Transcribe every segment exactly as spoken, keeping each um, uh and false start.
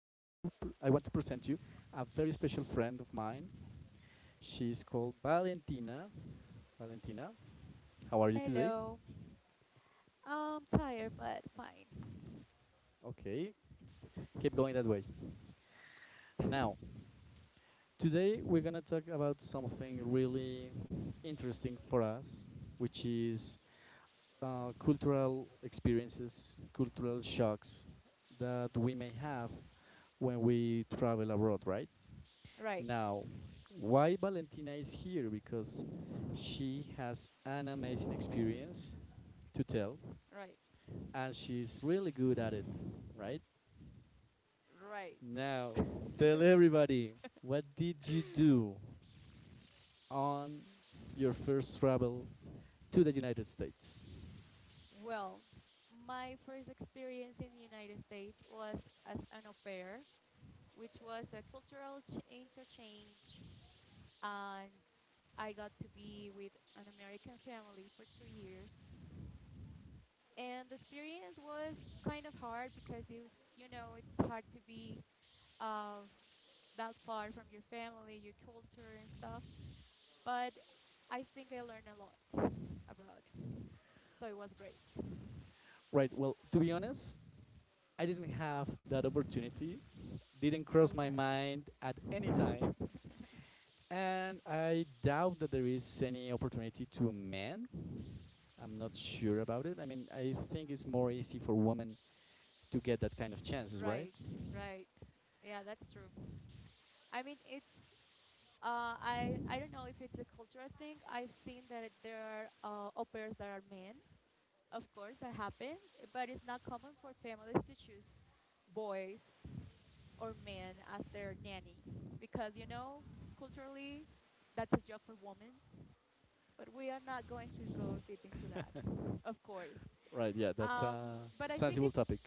pr- I want to present you a very special friend of mine. She's called Valentina. Valentina, how are you today? Hello. I'm tired but fine. Okay, keep going that way. Now, today we're gonna talk about something really interesting for us, which is uh, cultural experiences, cultural shocks that we may have when we travel abroad, right? Right, Now, why Valentina is here? Because she has an amazing experience to tell, right, and she's really good at it, right? right. Now, tell everybody what did you do on your first travel to the United States? Well, my first experience in the United States was as an au pair, which was a cultural ch- interchange, and I got to be with an American family for two years. And the experience was kind of hard because it was, you know, it's hard to be uh, that far from your family, your culture, and stuff. But I think I learned a lot abroad. So it was great. Right. Well, to be honest, I didn't have that opportunity. Didn't cross So my sad. mind at any time. And I doubt that there is any opportunity to men I'm not sure about it. I mean, I think it's more easy for women to get that kind of chances, right? Right, right. Yeah, that's true. I mean, it's. Uh, I I don't know if it's a cultural thing. I've seen that there are uh, au pairs that are men. Of course, that happens, but it's not common for families to choose boys or men as their nanny because you know culturally that's a job for women. But we are not going to go deep into that, of course. Right. Yeah, that's Um, a but I think sensible it's topic.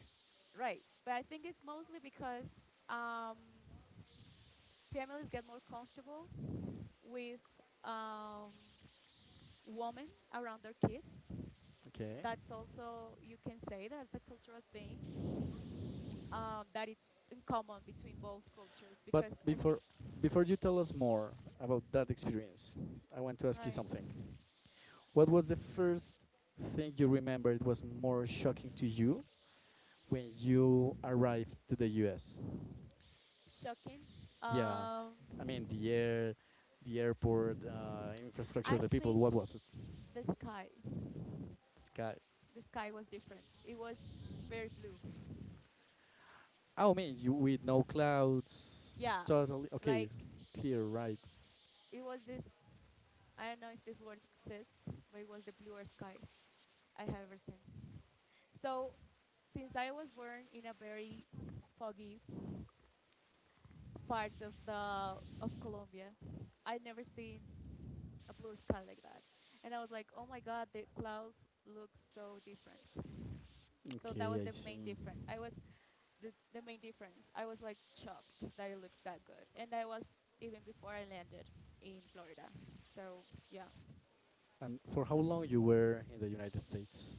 right. But I think it's mostly because um, families get more comfortable with um, women around their kids. Okay. That's also, you can say that's a cultural thing um, that it's in common between both cultures But because I think before before you tell us more about that experience, I want to ask you something. right What was the first thing you remember it was more shocking to you when you arrived to the U S? shocking. Yeah, Um, I mean the air, the airport, uh, infrastructure, I the people. think What was it? the sky, The sky. the sky was different. It was very blue. Oh, mean, you with no clouds, Yeah, totally okay, like clear, right? it was this I don't know if this word exists, but it was the bluest sky I have ever seen. So, since I was born in a very foggy part of the of Colombia, I never seen a blue sky like that, and I was like, oh my god, the clouds look so different. So that Okay, was I the see. main difference. I was the, the main difference. I was like shocked that it looked that good, and I was even before I landed in Florida. So yeah, And for how long you were in the United States?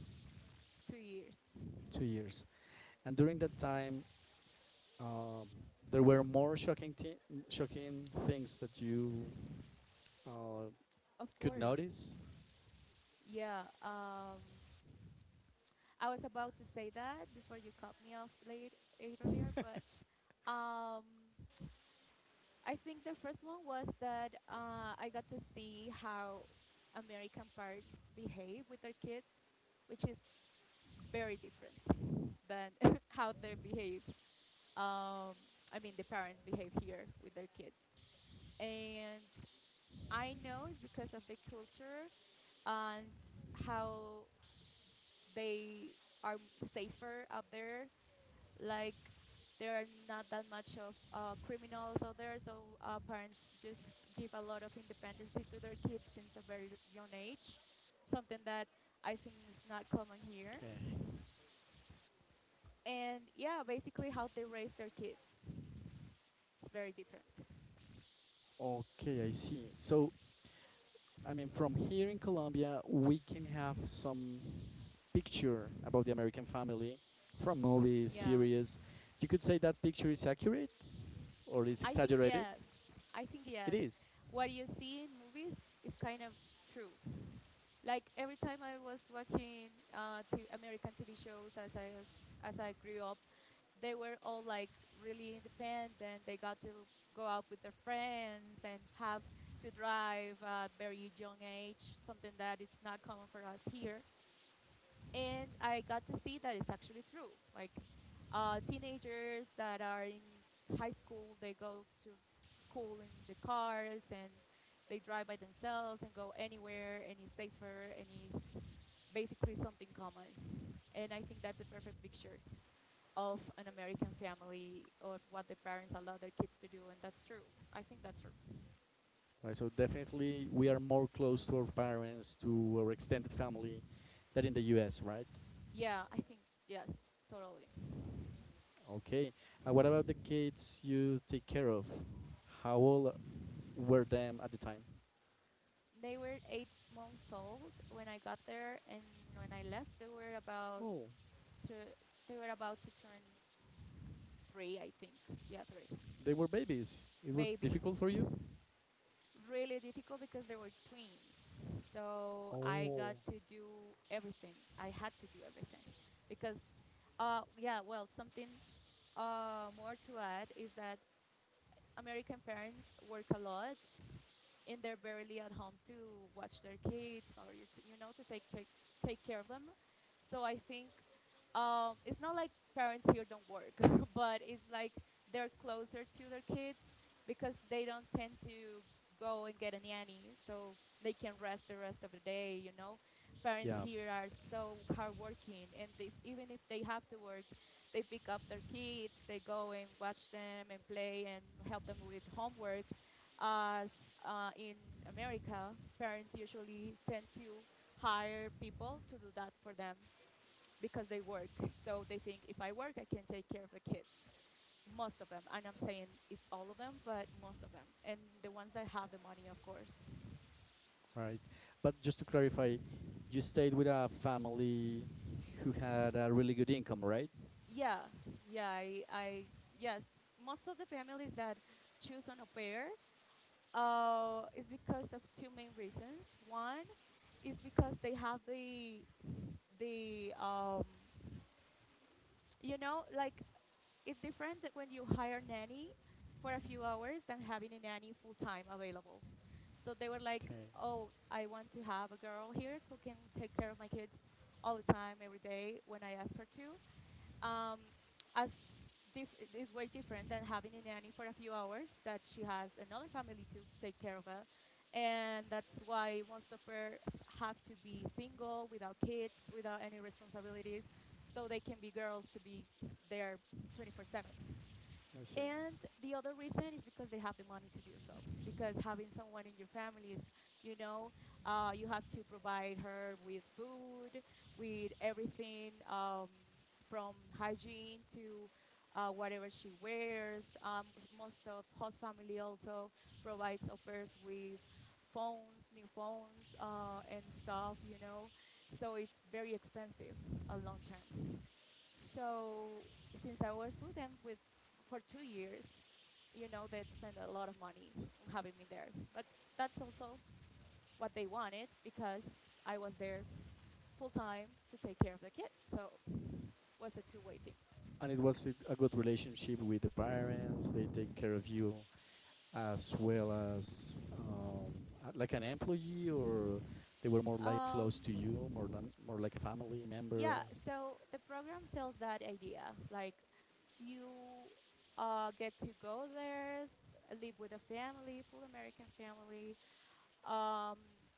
two years. Two years. And during that time, um, there were more shocking, thi- shocking things that you uh, Of could course. notice. Yeah, um, I was about to say that before you cut me off late, late earlier, but um, I think the first one was that uh, I got to see how American parents behave with their kids, which is very different than how they behave. Um, I mean, the parents behave here with their kids, and I know it's because of the culture and how they are safer out there. Like there are not that much of uh, criminals out there, so uh, parents just give a lot of independency to their kids since a very young age. Something that I think is not common here. Okay. And yeah, basically how they raise their kids is very different. Okay, I see. So, I mean, from here in Colombia, we can have some picture about the American family from movies, Yeah, series. You could say that picture is accurate. Or is I think exaggerated, yes. I think it yes. is. What you see in movies is kind of true. Like every time I was watching uh, t- American T V shows as I was, as I grew up, they were all like really independent. They got to go out with their friends and have to drive at very young age, something that it's not common for us here, and I got to see that it's actually true. Like uh, teenagers that are in high school, they go to school in the cars and they drive by themselves and go anywhere, and it's safer and it's basically something common. And I think that's a perfect picture of an American family or what the parents allow their kids to do, and that's true. I think that's true. Right? So definitely we are more close to our parents, to our extended family, than in the U S. Right? Yeah, I think yes, totally. Okay. Uh, what about the kids you take care of? How old were them at the time? They were eight months old when I got there, and when I left, they were about Oh, to, they were about to turn three, I think. Yeah, three they were babies. It was babies. difficult for you. Really difficult because they were twins. So I Oh, got to do everything. I had to do everything because, uh, yeah, well, something uh, more to add is that American parents work a lot and they're barely at home to watch their kids or you, t- you know to take, take take care of them. So I think um, it's not like parents here don't work, but it's like they're closer to their kids because they don't tend to go and get a nanny, so they can rest the rest of the day. You know, parents yeah, here are so hardworking, and they, even if they have to work, they pick up their kids, they go and watch them and play and help them with homework as uh, in America, parents usually tend to hire people to do that for them because they work. So they think if I work, I can take care of the kids. Most of them, and I'm saying it's all of them, but most of them, and the ones that have the money, of course. right. But just to clarify, you stayed with a family who had a really good income, right? Yeah, yeah, I, I yes, most of the families that choose on au pair uh, is because of two main reasons. One is because they have the the um, you know like it's different that when you hire a nanny for a few hours than having a nanny full time available. So they were like, Okay, "Oh, I want to have a girl here who can take care of my kids all the time, every day when I ask her to." um, as dif- is way different than having a nanny for a few hours that she has another family to take care of her, and that's why most of her have to be single without kids without any responsibilities so they can be girls to be there twenty-four seven. I see. And the other reason is because they have the money to do so. Because having someone in your family is, you know, uh, you have to provide her with food, with everything, um, from hygiene to uh, whatever she wears. Um, most of host family also provides au pairs with phones, new phones, uh, and stuff, you know. So it's very expensive uh, long term. So since I was with them with for two years, you know, they'd spend a lot of money on having me there. But that's also what they wanted because I was there full time to take care of the kids. So it was a two way thing. And it was a a good relationship with the parents. They take care of you as well as um, uh, like an employee, or they were more like Um, close to you, more than more like a family member. yeah, so the program sells that idea. Like you uh, get to go there, live with a family, full American family, um,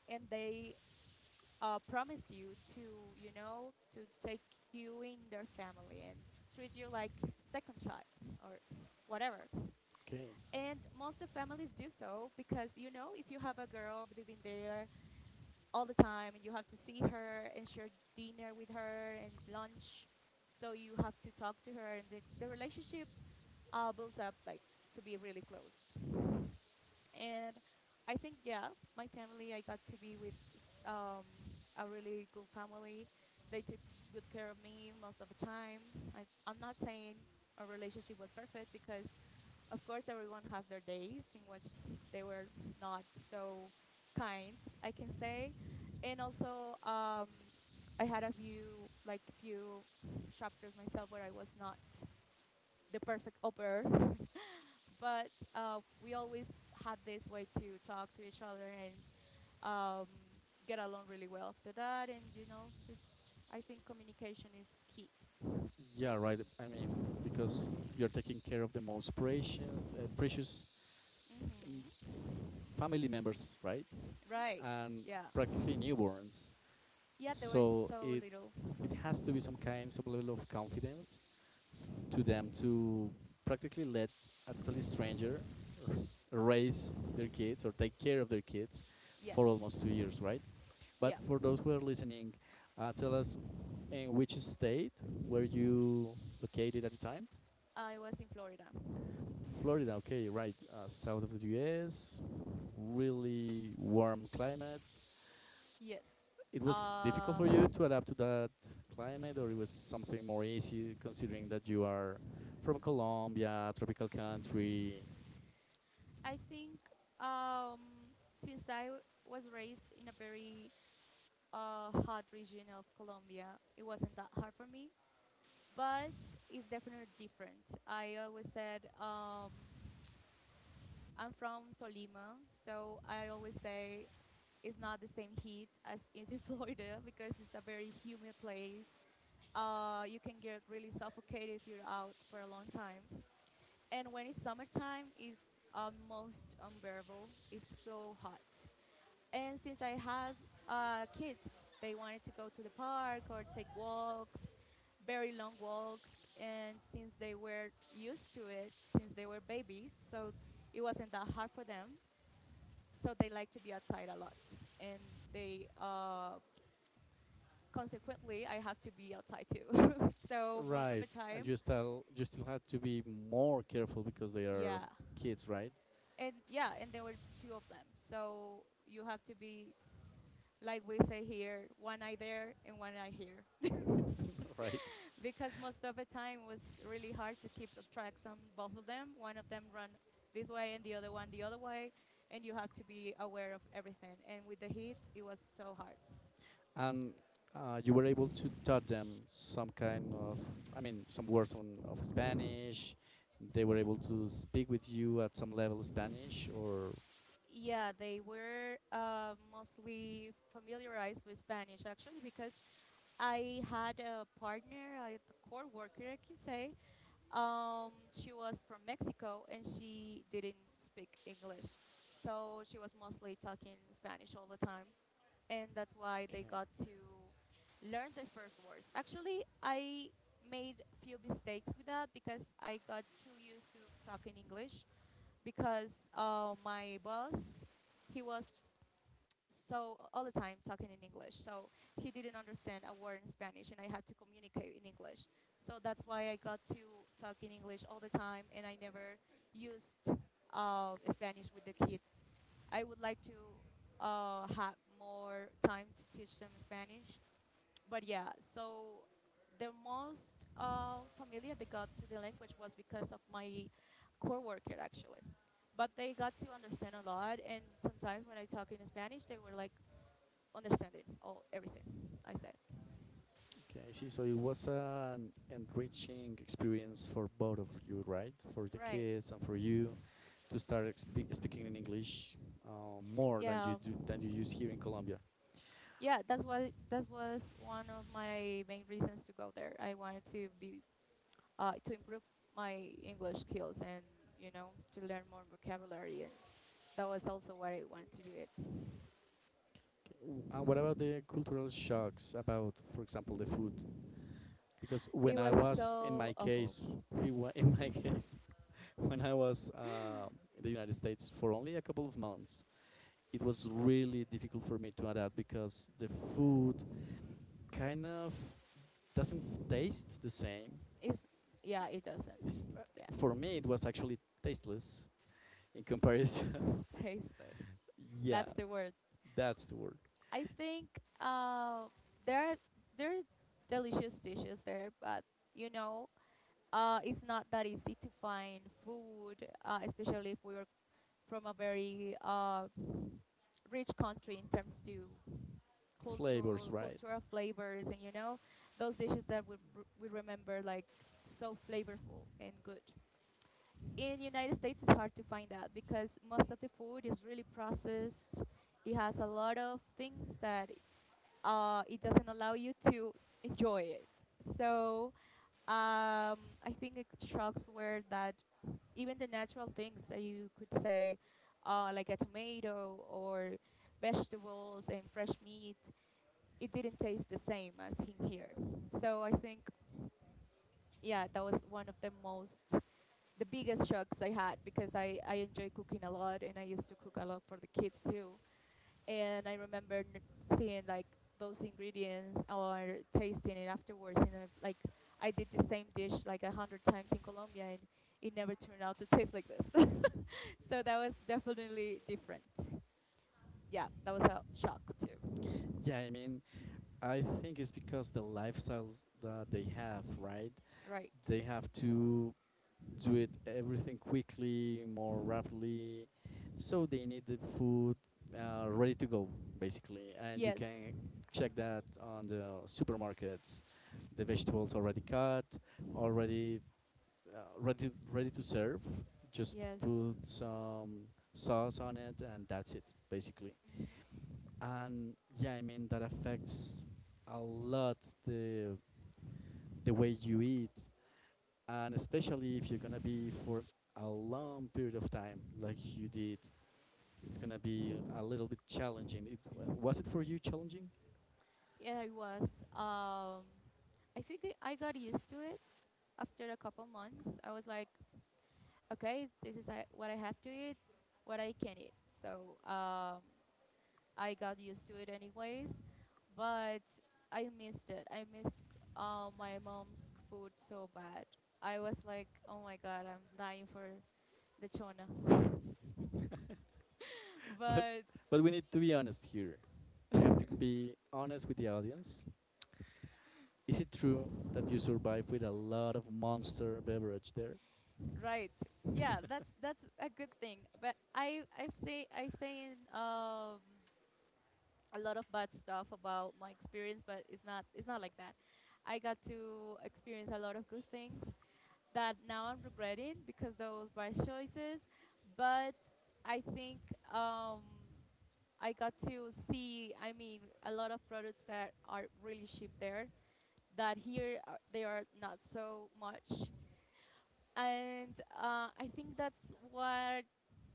and they uh, promise you to, you know, to take you in their family and treat you like second child or whatever. Okay, And most of families do so because, you know, if you have a girl living there all the time and you have to see her and share dinner with her and lunch, so you have to talk to her, and the, the relationship uh, builds up like to be really close, and I think yeah, my family. I got to be with um, a really good family. They took good care of me most of the time. I, I'm not saying our relationship was perfect because, of course, everyone has their days in which they were not so kind. I can say, and also um, I had a few, like few chapters myself where I was not the perfect au pair, but uh, we always had this way to talk to each other and um, get along really well after that. And you know, just I think communication is key. yeah, right. I mean, because you're taking care of the most precious, uh, precious mm, Mm-hmm. family members, right? Right. And Yeah. practically newborns. Yeah, there were So so it little. it has to be some kind, some level of confidence to them to practically let a totally stranger r raise their kids or take care of their kids Yes. for almost two years, right? But Yeah. for those who are listening, uh, tell us in which state were you located at the time? I was in Florida. Florida, okay, right, uh, south of the U S, really warm climate. Yes. It was difficult Uh, for you to adapt to that climate, or it was something more easy considering that you are from Colombia, tropical country, I think um, since I w- was raised in a very uh, hot region of Colombia, it wasn't that hard for me, but it's definitely different. I always said, um, I'm from Tolima, so I always say it's not the same heat as is in Florida because it's a very humid place. Uh, you can get really suffocated if you're out for a long time, and when it's summertime, it's almost unbearable. It's so hot. And since I had uh, kids, they wanted to go to the park or take walks, very long walks. And since they were used to it, since they were babies, so it wasn't that hard for them. So they like to be outside a lot. And they, uh, consequently, I have to be outside too. So most of right? the And time, you still you still had to be more careful because they are yeah. kids, right? And yeah, and there were two of them. So you have to be, like we say here, one eye there and one eye here. Right? Because most of the time it was really hard to keep the tracks on both of them. One of them run this way and the other one the other way, and you have to be aware of everything. And with the heat, it was so hard. And uh, you were able to taught them some kind of, I mean, some words on, of Spanish. They were able Mhm. to speak with you at some level Spanish, or Yeah, they were uh, mostly familiarized with Spanish actually because I had a partner, a co-worker, I could say. Um, she was from Mexico and she didn't speak English, so she was mostly talking Spanish all the time. And that's why okay. they got to learn the first words. Actually, I made few mistakes with that because I got too used to talking English because uh, my boss, he was so all the time talking in English. So he didn't understand a word in Spanish, and I had to communicate in English. So that's why I got to talk in English all the time, and I never used uh, Spanish with the kids. I would like to uh, have more time to teach them Spanish, but yeah. So the most uh, familiar they got to the language was because of my coworker, actually, but they got to understand a lot, and sometimes when I talk in Spanish they were like understanding all everything I said. Okay, I see. So it was an enriching experience for both of you, right? For the Right. kids and for you to start expe- speaking in English uh, more than you Yeah. do, than you use here in Colombia. Yeah, that's what— that was one of my main reasons to go there. I wanted to be uh, to improve my English skills and, you know to learn more vocabulary, and that was also why I wanted to do it. Okay. What about the cultural shocks about, for example, the food? Because It when I was was in my so awful. case, it wa- in my case, when I was uh, in the United States for only a couple of months, it was really difficult for me to adapt because the food kind of doesn't taste the same. It's— yeah, it doesn't. It's, uh, Yeah, for me, it was actually tasteless in comparison. tasteless. Yeah, That's the word. that's the word. I think, uh, there are, there are delicious dishes there, but, you know uh, it's not that easy to find food, uh, especially if we are from a very, uh, rich country in terms to Flavors, cultural right? cultural flavors, and you know those dishes that we, r- we remember, like, so flavorful and good. In United States, it's hard to find that because most of the food is really processed. It has a lot of things that uh, it doesn't allow you to enjoy it. So um, I think it— shocks were that even the natural things that you could say, uh, like a tomato or vegetables and fresh meat, it didn't taste the same as in here. So I think, yeah, that was one of the most, the biggest shocks I had, because I, I enjoy cooking a lot, and I used to cook a lot for the kids too. And I remember n- seeing like those ingredients or tasting it afterwards. And I, like, I did the same dish like a hundred times in Colombia, and it never turned out to taste like this. So that was definitely different. Yeah, that was a shock too. Yeah, I mean, I think it's because the lifestyles that they have, right? Right. They have to do it everything quickly, more rapidly, so they need the food uh, ready to go, basically. And you Yes. can Mm, check that on the supermarkets. The vegetables already cut, already uh, ready ready to serve. Just yes. put some sauce on it, and that's it, basically. Mhm, And yeah, I mean that affects a lot the the way you eat, and especially if you're gonna be for a long period of time, like you did. It's gonna be a little bit challenging. It w- mhm. was it for you challenging, Yeah, I was. Um, I think I I got used to it after a couple months. I was like, okay, this is I- what I have to eat, what I can eat. So um, I got used to it anyways, but I missed it. I missed uh, my mom's c- food so bad. I was like, oh my god, I'm dying for lechona. but But but we need to be honest here. You have to be honest with the audience. Is it true that you survive with a lot of monster beverage there? right, yeah, that's— that's a good thing. But I I've say I've saying um a lot of bad stuff about my experience, but it's not it's not like that. I got to experience a lot of good things that now I'm regretting because those were choices. But I think, um, I got to see, I mean, a lot of products that are really cheap there, that here uh, they are not so much. And uh, I think that's what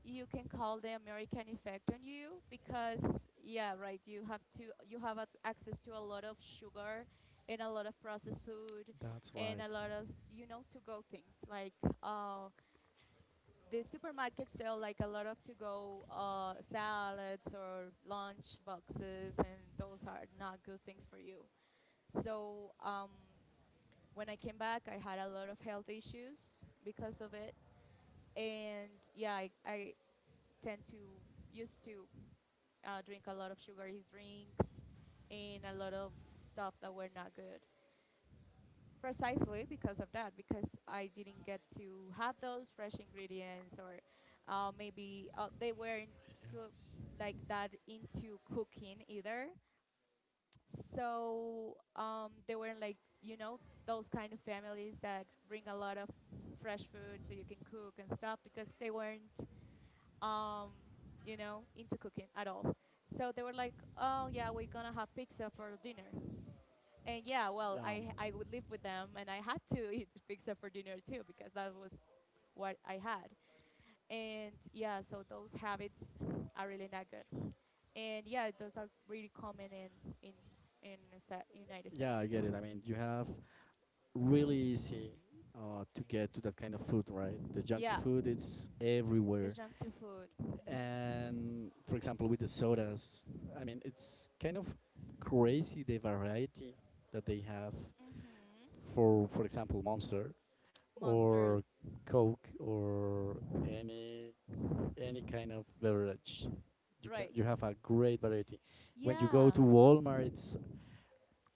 you can call the American effect on you, because yeah, right. You have to you have ac- access to a lot of sugar and a lot of processed food That's and right. a lot of, you know to go things, like uh, the supermarkets sell like a lot of to go uh, salads or lunch boxes, and those are not good things for you. So um, when I came back, I had a lot of health issues because of it. And yeah, I, I tend to— used to uh, drink a lot of sugary drinks and a lot of stuff that were not good, precisely because of that, because I didn't get to have those fresh ingredients. Or uh, maybe uh, they weren't so like that into cooking either. So um, they were like, you know those kind of families that bring a lot of fresh food so you can cook and stuff, because they weren't, um, you know into cooking at all. So they were like, oh yeah, we're gonna have pizza for dinner. And yeah, well, Um, I I would live with them, and I had to eat pizza for dinner too, because that was what I had. And yeah, so those habits are really not good. And yeah, those are really common in in in the Sta- United yeah, I States. get it. I mean, you have really easy uh, to get to that kind of food, right? The junky Yeah, food, it's the everywhere. junky food. Hmm. And for example, with the sodas, I mean, it's kind of crazy the variety that they have Hmm. for, for example, Monster or Monsters. Coke or any any kind of beverage. You can Right. you have a great variety. When you go Yeah, to Walmart, it's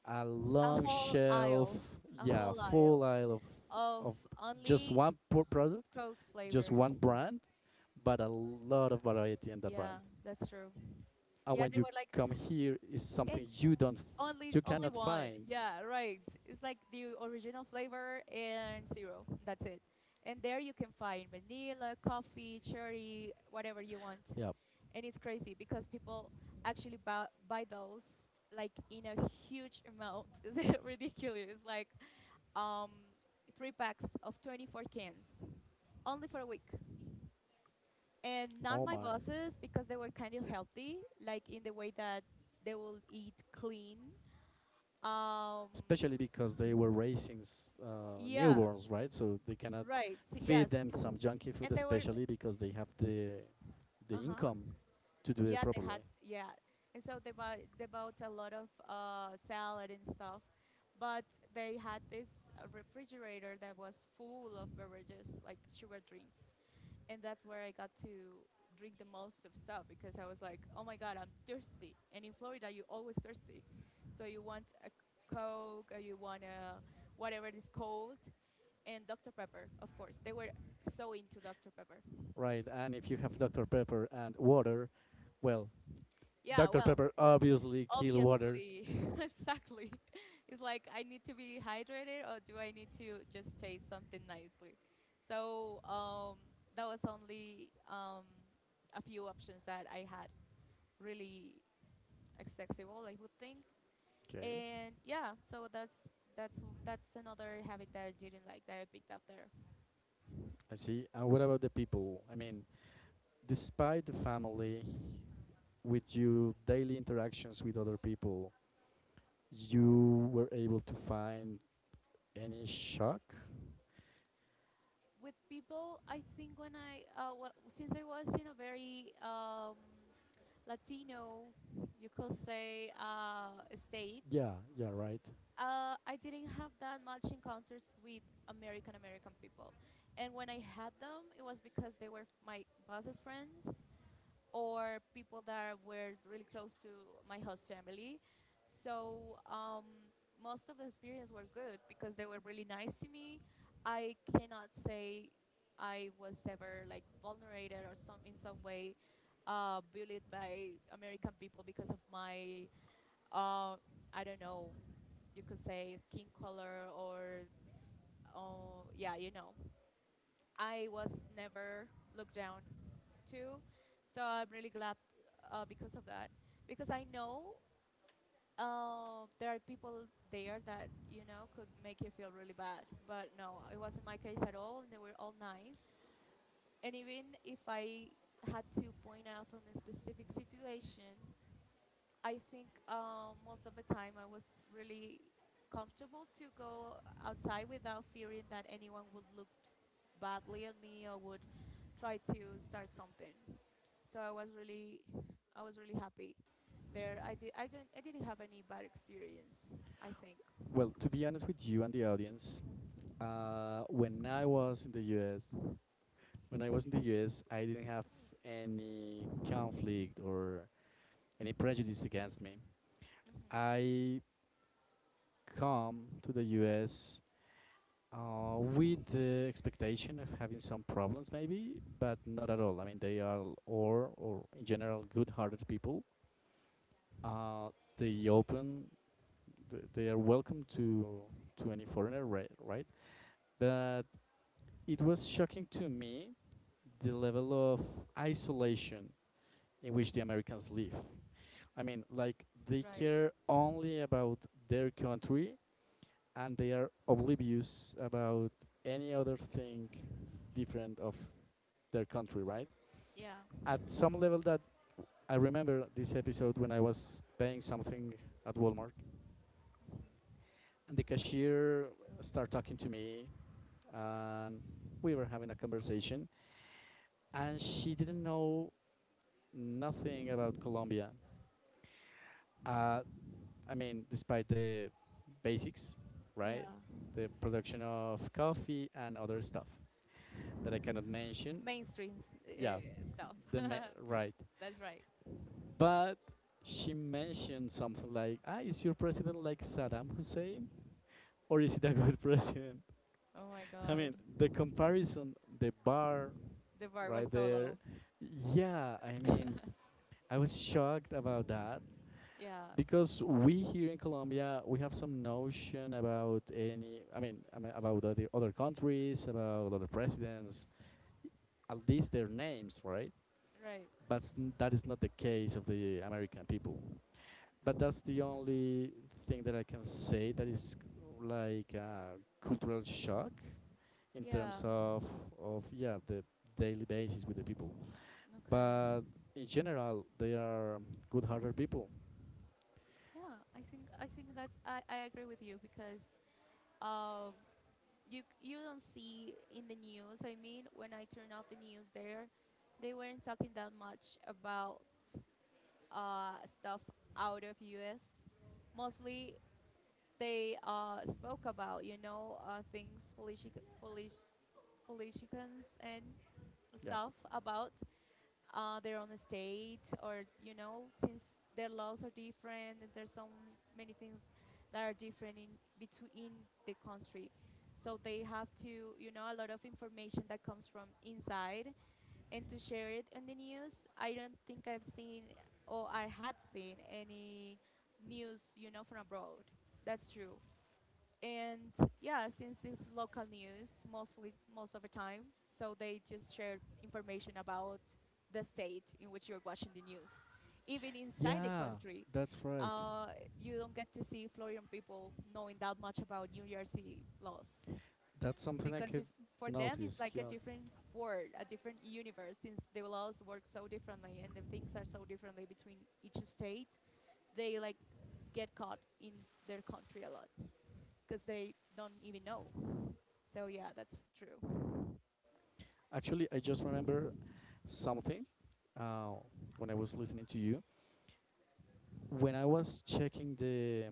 a a long whole shelf, aisle, a yeah, whole full aisle aisle of of of just only one po- product, Coke just flavored. one brand, but a lot of variety in that brand. Yeah, that's true. And Yeah, when they you were like, come here, it's eh, something you don't, f- only— you only cannot one. find. Yeah, right. It's like the original flavor and zero. That's it. And there you can find vanilla, coffee, cherry, whatever you want. Yeah. And it's crazy because people actually buy, buy those like in a huge amount. It's ridiculous. It's like, um three packs of twenty-four cans only for a week. And not Oh my my. bosses, because they were kind of healthy, like in the way that they will eat clean. Um, Especially because they were raising uh, yeah. newborns, right? So they cannot Right. s- feed Yes. them some junky food, And they were like, especially because they have the the uh-huh. income to do it Yeah, they properly, had— yeah. And so they bought— they bought a lot of uh salad and stuff, but they had this uh, refrigerator that was full of beverages, like sugar drinks. And that's where I got to drink the most of stuff, because I was like, "Oh my God, I'm thirsty." And in Florida, you're always thirsty. So you want a Coke, or you want a whatever it is called, and doctor Pepper, of course. They were so into doctor Pepper. right? And if you have doctor Pepper and water, well, Yeah, doctor well, Pepper obviously kill water. obviously, exactly. It's like, I need to be hydrated, or do I need to just taste something nicely? So um, that was only, um, a few options that I had really accessible, I would think. Okay, And yeah, so that's— that's w- that's another habit that I didn't like that I picked up there. I see. And what about the people? I mean, despite the family, with your daily interactions with other people, you were able to find any shock? With people, I think when I uh, well, since I was in a very, um, Latino, you could say, uh, state. Yeah, yeah, right. uh, I didn't have that much encounters with American American people, and when I had them, it was because they were my boss's friends or people that were really close to my host family. So um, most of the experience were good because they were really nice to me. I cannot say I was ever like vulnerated or some— in some way uh, bullied by American people because of my, uh, I don't know you could say skin color or oh yeah, you know I was never looked down to. So I'm really glad uh, because of that, because I know uh, there are people there that, you know could make you feel really bad, but no, it wasn't my case at all, and they were all nice. And even if I had to point out on a specific situation, I think, uh, most of the time I was really comfortable to go outside without fearing that anyone would look badly at me or would try to start something. So I was really— I was really happy there. I did, I didn't, I didn't have any bad experience, I think. Well, to be honest with you and the audience, uh, when I was in the U S, when I was in the U S, I didn't have any conflict or any prejudice against me. Hmm. I come to the U S uh, with the expectation of having some problems, maybe, but not at all. I mean, they are or or in general good-hearted people. Uh, they open, th- they are welcome to to any foreigner, right? Right, but it was shocking to me the level of isolation in which the Americans live. I mean, like they Right. care only about their country and they are oblivious about any other thing different of their country, right? Yeah. At some level that I remember this episode when I was paying something at Walmart and the cashier started talking to me and we were having a conversation and she didn't know nothing about Colombia. Uh, I mean, despite the basics, right? Yeah. The production of coffee and other stuff that I cannot mention. Mainstream s- Yeah, uh, stuff. the ma- right. That's right. But she mentioned something like, "Ah, is your president like Saddam Hussein, or is it a good president?" Oh my I God, mean, the comparison, the bar the bar was right so there. low. Yeah, I mean, I was shocked about that Yes. because we here in Colombia we have some notion about any I mean, I mean about other, other countries, about other presidents, at least their names, right? Right. But s- that is not the case of the American people. But that's the only thing that I can say that is like a cultural shock in Yeah. terms of of yeah the daily basis with the people. Okay. But in general, they are good-hearted people. Yeah. I think I think that's— I, I agree with you because, um you c- you don't see in the news. I mean, when I turn out the news there, they weren't talking that much about uh stuff out of U S. Mostly they uh spoke about, you know uh things— politic, politic politicians and Yeah. stuff about uh, their own state. Or, you know since their laws are different, and there's so many things that are different in between the country, so they have to, you know a lot of information that comes from inside. And to share it on the news, I don't think I've seen or I had seen any news, you know from abroad. That's true. And yeah, since it's local news mostly most of the time, so they just share information about the state in which you're watching the news, even inside the Yeah, country. that's right. uh, you don't get to see Florian people knowing that much about New Jersey laws, That's something I because could it's— for them it's notice. like a Yeah. different world, a different universe, since the laws work so differently and the things are so differently between each state. They like get caught in their country a lot because they don't even know. So yeah, that's true. Actually, I just remember something uh, when I was listening to you. When I was checking the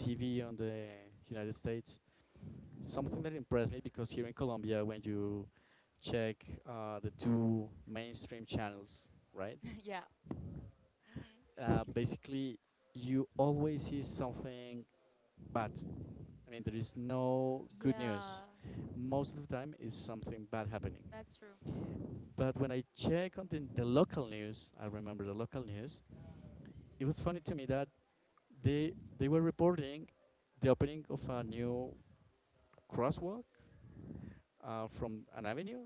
T V on the United States, something that impressed me because here in Colombia, when you check uh, the two mainstream channels, right? Yeah. Uh, Hmm. basically, you always see something bad. I mean, there is no good Yeah, news. Most of the time, is something bad happening. that's true. But when I check on the, the local news, I remember the local news. It was funny to me that they they were reporting the opening of a new crosswalk uh, from an avenue,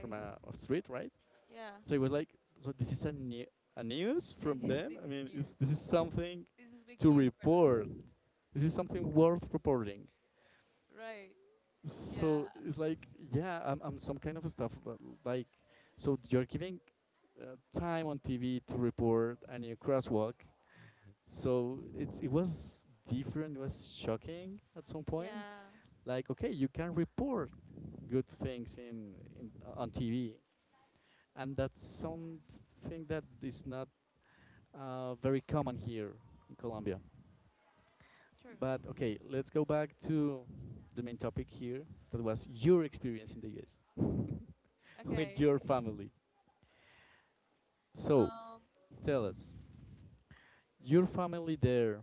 from a, a street, right? Yeah, So it was like, so this is a, new, a news from them. this I is mean, is this is news. something This is big to news for report. them. This is something worth reporting. Right. So Yeah. it's like, yeah, I'm, I'm some kind of stuff but like. So you're giving uh, time on T V to report a new crosswalk. So it it was different. It was shocking at some point. Yeah, Like okay, you can report good things in, in uh, on T V, and that's hmm, something that is not uh, very common here in Colombia. But true. okay, let's go back to the main topic here. That was your experience in the U S with Okay. your family. So Um, tell us, your family there.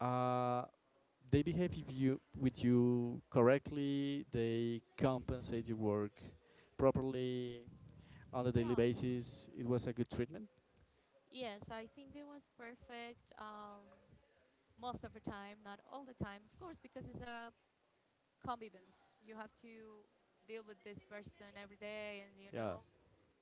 Uh, they behave with you, with you correctly, they compensate your work properly on a daily yeah. basis. It was a good treatment. Yes, I think it was perfect. Um most of the time, not all the time, of course, because it's a convivence. You have to deal with this person every day, and, you Yeah. know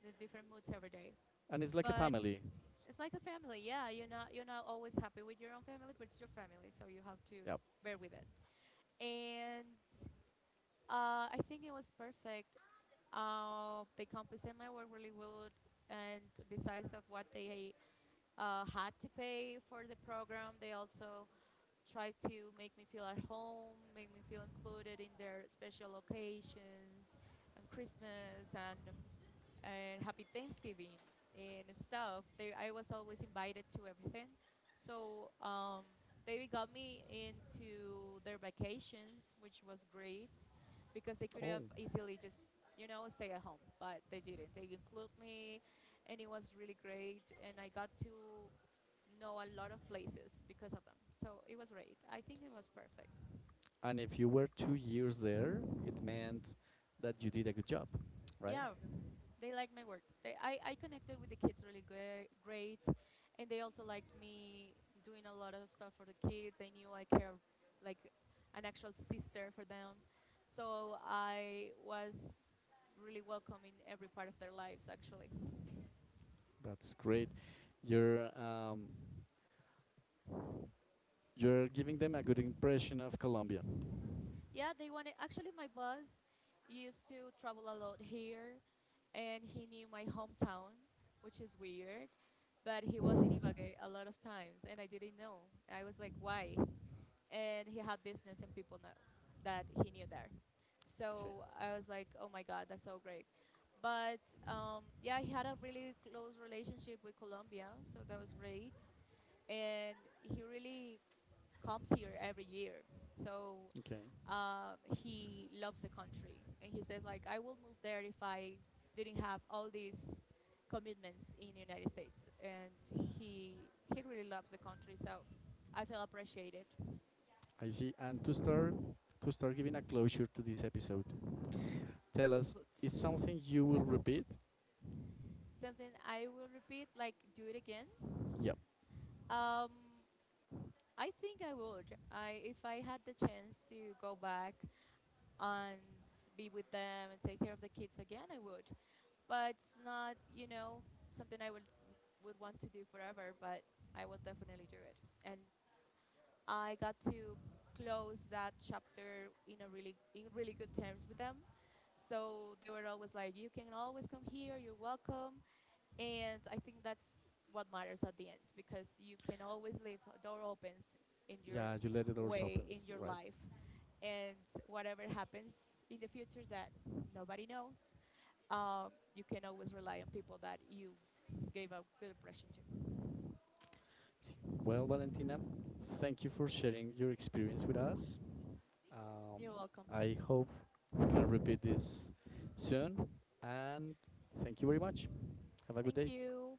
the different moods every day. And it's like a But family. it's like a family. Yeah, you're not— you're not always happy with your own family, but it's your family, so you have to Yeah. bear with it. And uh, I think it was perfect. Uh, they compensated my work really well, and besides of what they uh, had to pay for the program, they also tried to make me feel at home, make me feel included in their special occasions, and Christmas and and happy Thanksgiving and stuff. They— I was always invited to everything. So um, they got me into their vacations, which was great, because they could have Oh, easily just, you know, stay at home, but they didn't. They include me, and it was really great. And I got to know a lot of places because of them. So it was great. I think it was perfect. and if you were two years there, it meant that you did a good job, right? Yeah, they liked my work. They— I, I connected with the kids really great, great, and they also liked me doing a lot of stuff for the kids. I knew I care like an actual sister for them, so I was really welcome in every part of their lives. Actually, That's great. You're um, you're giving them a good impression of Colombia. Okay. yeah, they wanted. Actually, my boss used to travel a lot here, and he knew my hometown, which is weird. But he was in Ibagué a lot of times, and I didn't know. I was like, why? And he had business and people know that he knew there, so I was like, oh my god, that's so great. But, um, yeah, he had a really close relationship with Colombia, so that was great. And he really comes here every year. So, Okay, um, he loves the country, and he says like, I will move there if I didn't have all these commitments in the United States. And he he really loves the country, so I feel appreciated. I see. And to start to start giving a closure to this episode, tell us is Good. something you will repeat. Something I will repeat, like do it again. Yep. Um, I think I would. I— if I had the chance to go back and be with them and take care of the kids again, I would. But it's not, you know, something I would would want to do forever. But I will definitely do it. And I got to close that chapter in a really— in really good terms with them. So they were always like, "You can always come here. You're welcome." And I think that's what matters at the end, because you can always leave a door opens in your Yeah, you let the doors open, way in your right? life. And whatever happens in the future, that nobody knows, um, you can always rely on people that you gave a good impression to. Well, Valentina, thank you for sharing your experience with us. Um, You're welcome. I hope we can repeat this soon. And thank you very much. Have a good Thank day. you.